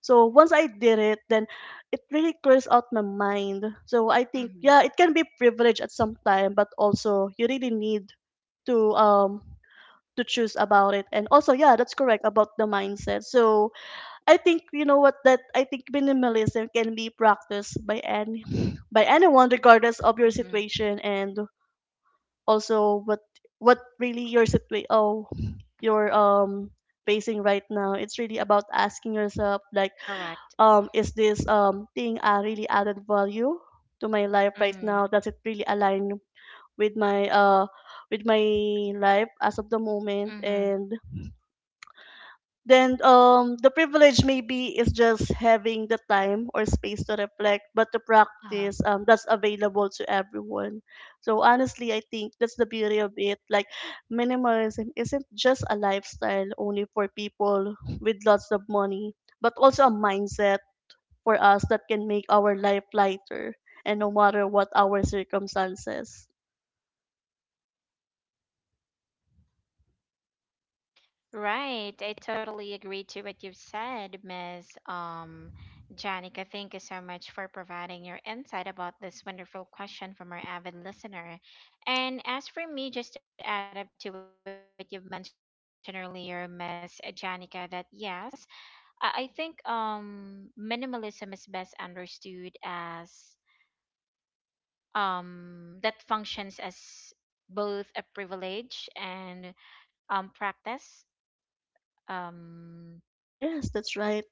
S2: So once I did it, then it really clears out my mind. So I think yeah, it can be privilege at some time, but also you really need to um to choose about it. And also yeah, that's correct about the mindset. So I think you know what that I think minimalism can be practiced by any by anyone regardless of your
S1: Mm-hmm.
S2: situation, and also what really your situa oh your facing right now. It's really about asking yourself like,
S1: Correct.
S2: is this thing a really added value to my life right
S1: Mm-hmm.
S2: now? Does it really align with my uh, with my life as of the moment?
S1: Mm-hmm.
S2: And then the privilege maybe is just having the time or space to reflect, but the practice that's available to everyone. So honestly, I think that's the beauty of it. Like minimalism isn't just a lifestyle only for people with lots of money, but also a mindset for us that can make our life lighter, and no matter what our circumstances.
S1: Right. I totally agree to what you've said, Miss Janica. Thank you so much for providing your insight about this wonderful question from our avid listener. And as for me, just to add up to what you've mentioned earlier, Miss Janica, that yes, I think, minimalism is best understood as, that functions as both a privilege and, practice. Um,
S2: Yes, that's right.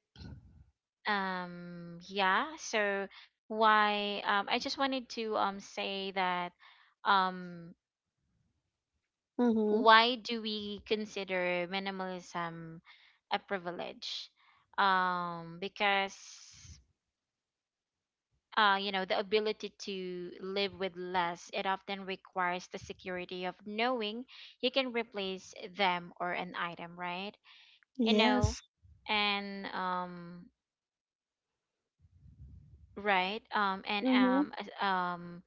S1: yeah, so why I just wanted to say that, um
S2: Mm-hmm.
S1: why do we consider minimalism a privilege, because, you know, the ability to live with less, it often requires the security of knowing you can replace them or an item, right? You know
S2: Yes.
S1: and right and
S2: Mm-hmm.
S1: as-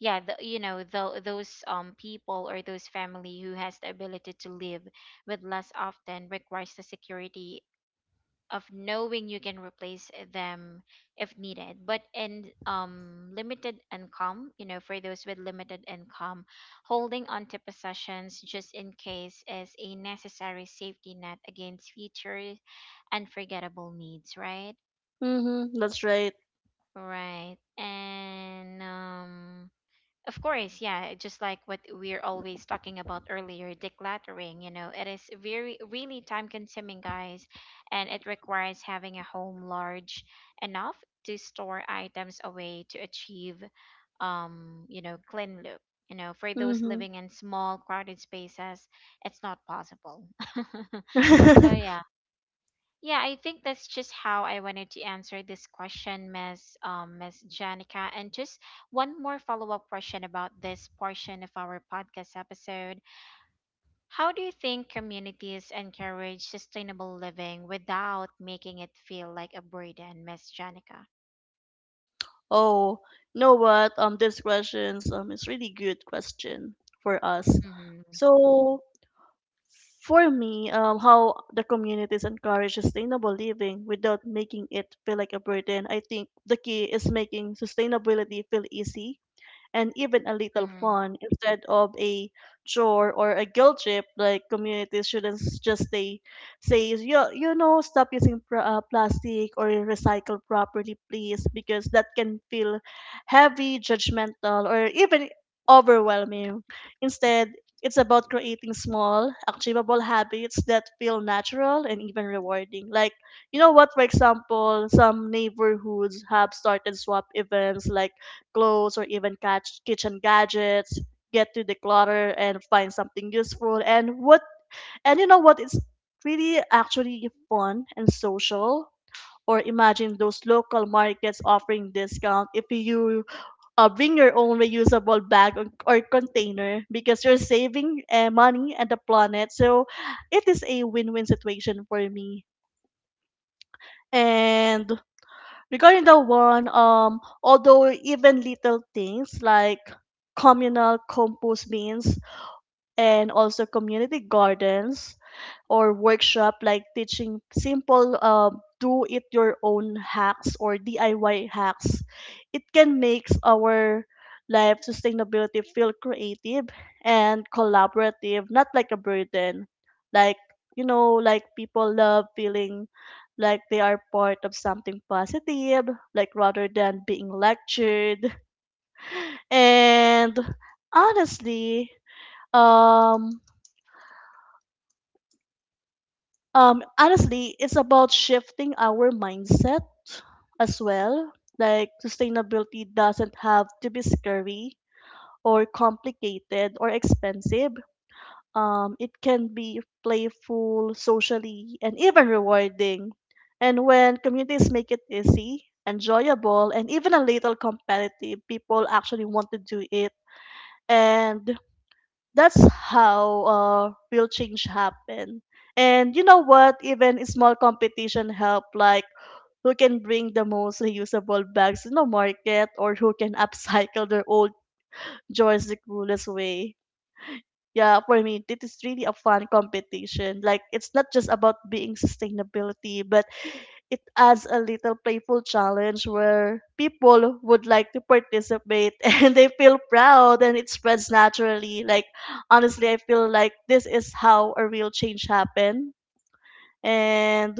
S1: Yeah, the, you know tho- those people or those family who has the ability to live with less often requires the security of knowing you can replace them if needed, but in limited income, you know, for those with limited income, holding on to possessions just in case is a necessary safety net against future unforgettable needs, right?
S2: Mm-hmm. That's right.
S1: Right. And of course, yeah, just like what we're always talking about earlier, decluttering, you know, it is very really time consuming, guys, and it requires having a home large enough to store items away to achieve, you know, clean look. You know, for those
S2: Mm-hmm.
S1: living in small crowded spaces, it's not possible. So yeah. Yeah, I think that's just how I wanted to answer this question, Miss Miss Janica. And just one more follow-up question about this portion of our podcast episode. How do you think communities encourage sustainable living without making it feel like a burden, Miss Janica?
S2: Oh, you know what? These questions is really good question for us.
S1: Mm-hmm.
S2: So for me, how the communities encourage sustainable living without making it feel like a burden. I think the key is making sustainability feel easy and even a little
S1: Mm-hmm.
S2: fun instead of a chore or a guilt trip. Like communities shouldn't s- just stay say you, you know stop using plastic or recycle properly please, because that can feel heavy, judgmental, or even overwhelming. Instead, it's about creating small achievable habits that feel natural and even rewarding. Like, you know what, for example, some neighborhoods have started swap events like clothes or even catch kitchen gadgets, get to declutter and find something useful. And what, and you know what is really actually fun and social. Or imagine those local markets offering discount if you bring your own reusable bag, or container, because you're saving money and the planet. So it is a win-win situation for me. And regarding the one, although even little things like communal compost bins and also community gardens or workshop like teaching simple do it your own hacks or DIY hacks, it can make our life sustainability feel creative and collaborative, not like a burden. Like, you know, like people love feeling like they are part of something positive, like rather than being lectured. And honestly, um, honestly it's about shifting our mindset as well. Like sustainability doesn't have to be scary or complicated or expensive. Um, it can be playful, socially, and even rewarding. And when communities make it easy, enjoyable, and even a little competitive, people actually want to do it, and that's how real change happen. And you know what? Even a small competition help, like who can bring the most reusable bags in the market, or who can upcycle their old joys the coolest way. Yeah, for me, it is really a fun competition. Like it's not just about being sustainability, but it adds a little playful challenge where people would like to participate and they feel proud and it spreads naturally. Like, honestly, I feel like this is how a real change happened. And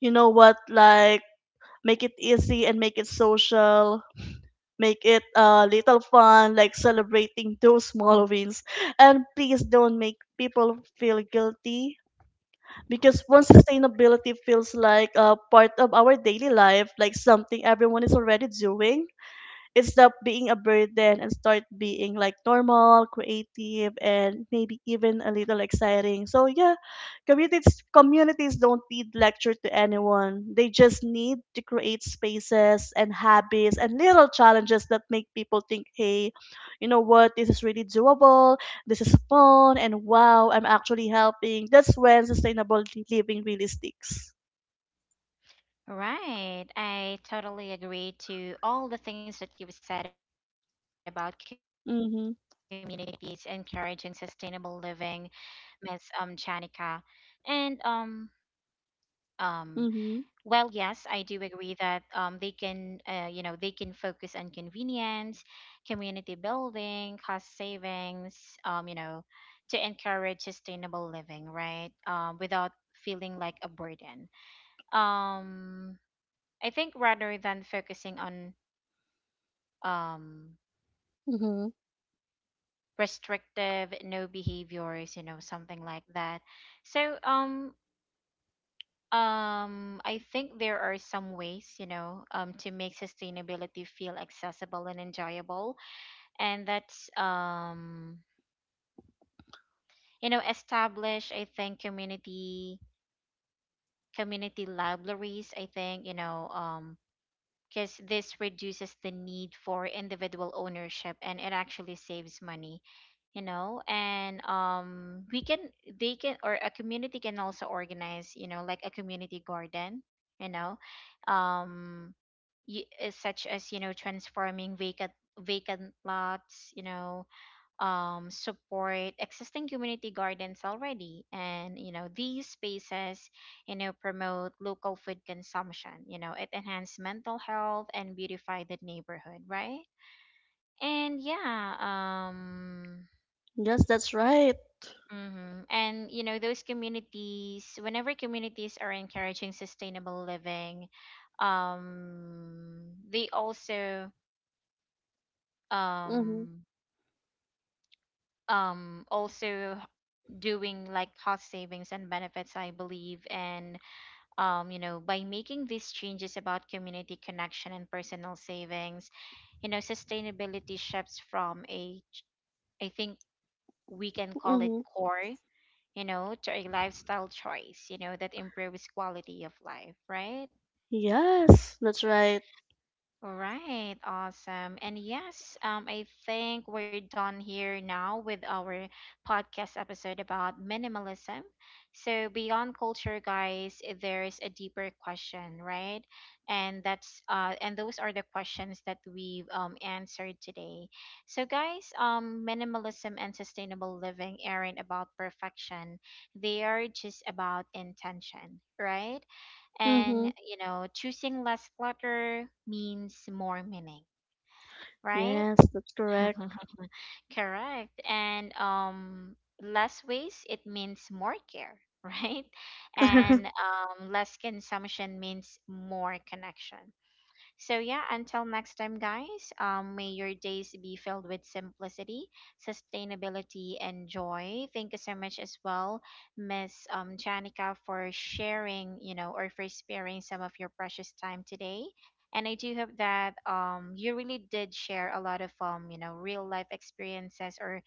S2: you know what? Like, make it easy and make it social. Make it a little fun, like celebrating those small wins. And please don't make people feel guilty, because once sustainability feels like a part of our daily life, like something everyone is already doing, it stopped being a burden and start being like normal, creative, and maybe even a little exciting. So yeah, communities don't need lecture to anyone. They just need to create spaces and habits and little challenges that make people think, hey, you know what, this is really doable, this is fun, and wow, I'm actually helping. That's when sustainable living really sticks.
S1: Right. I totally agree to all the things that you've said about communities encouraging
S2: Mm-hmm.
S1: sustainable living, Miss Janica. And um well,
S2: Mm-hmm.
S1: yes, I do agree that they can, you know, they can focus on convenience, community building, cost savings, you know, to encourage sustainable living, right? Without feeling like a burden, um I think rather than focusing on, um
S2: Mm-hmm.
S1: restrictive no behaviors, you know, something like that. So, I think there are some ways, you know, to make sustainability feel accessible and enjoyable, and that's, establish, I think, community community libraries. I think, because this reduces the need for individual ownership and it actually saves money, you know. And we can, they can, or a community can also organize, you know, like a community garden, you know um such as, you know, transforming vacant vacant lots, you know, support existing community gardens already. And you know, these spaces, you know, promote local food consumption. You know, it enhance mental health and beautify the neighborhood, right? And yeah,
S2: Yes, that's right.
S1: mhm. And you know, those communities, whenever communities are encouraging sustainable living, they also,
S2: Mm-hmm.
S1: um also doing like cost savings and benefits, I believe. And you know, by making these changes about community connection and personal savings, you know, sustainability shifts from a ch- I think we can call it
S2: Mm-hmm.
S1: core, you know, to a lifestyle choice, you know, that improves quality of life, right?
S2: Yes, that's right.
S1: Right, awesome. And yes, I think we're done here now with our podcast episode about minimalism. So, beyond culture, guys, there's a deeper question, right? And that's and those are the questions that we've, answered today. So, guys, minimalism and sustainable living aren't about perfection; they are just about intention, right?
S2: Mm-hmm.
S1: And, you know, choosing less clutter means more meaning, right?
S2: Yes, that's correct.
S1: Correct. And less waste, it means more care, right? And um less consumption means more connection. So yeah, until next time, guys. May your days be filled with simplicity, sustainability, and joy. Thank you so much as well, Miss Janica, for sharing, you know, or for sparing some of your precious time today. And I do hope that you really did share a lot of, real life experiences or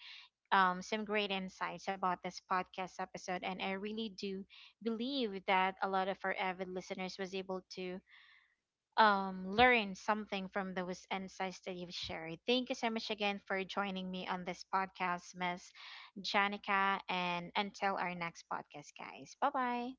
S1: some great insights about this podcast episode. And I really do believe that a lot of our avid listeners was able to, learn something from those insights that you've shared. Thank you so much again for joining me on this podcast, Miss Janica. And until our next podcast, guys, bye bye.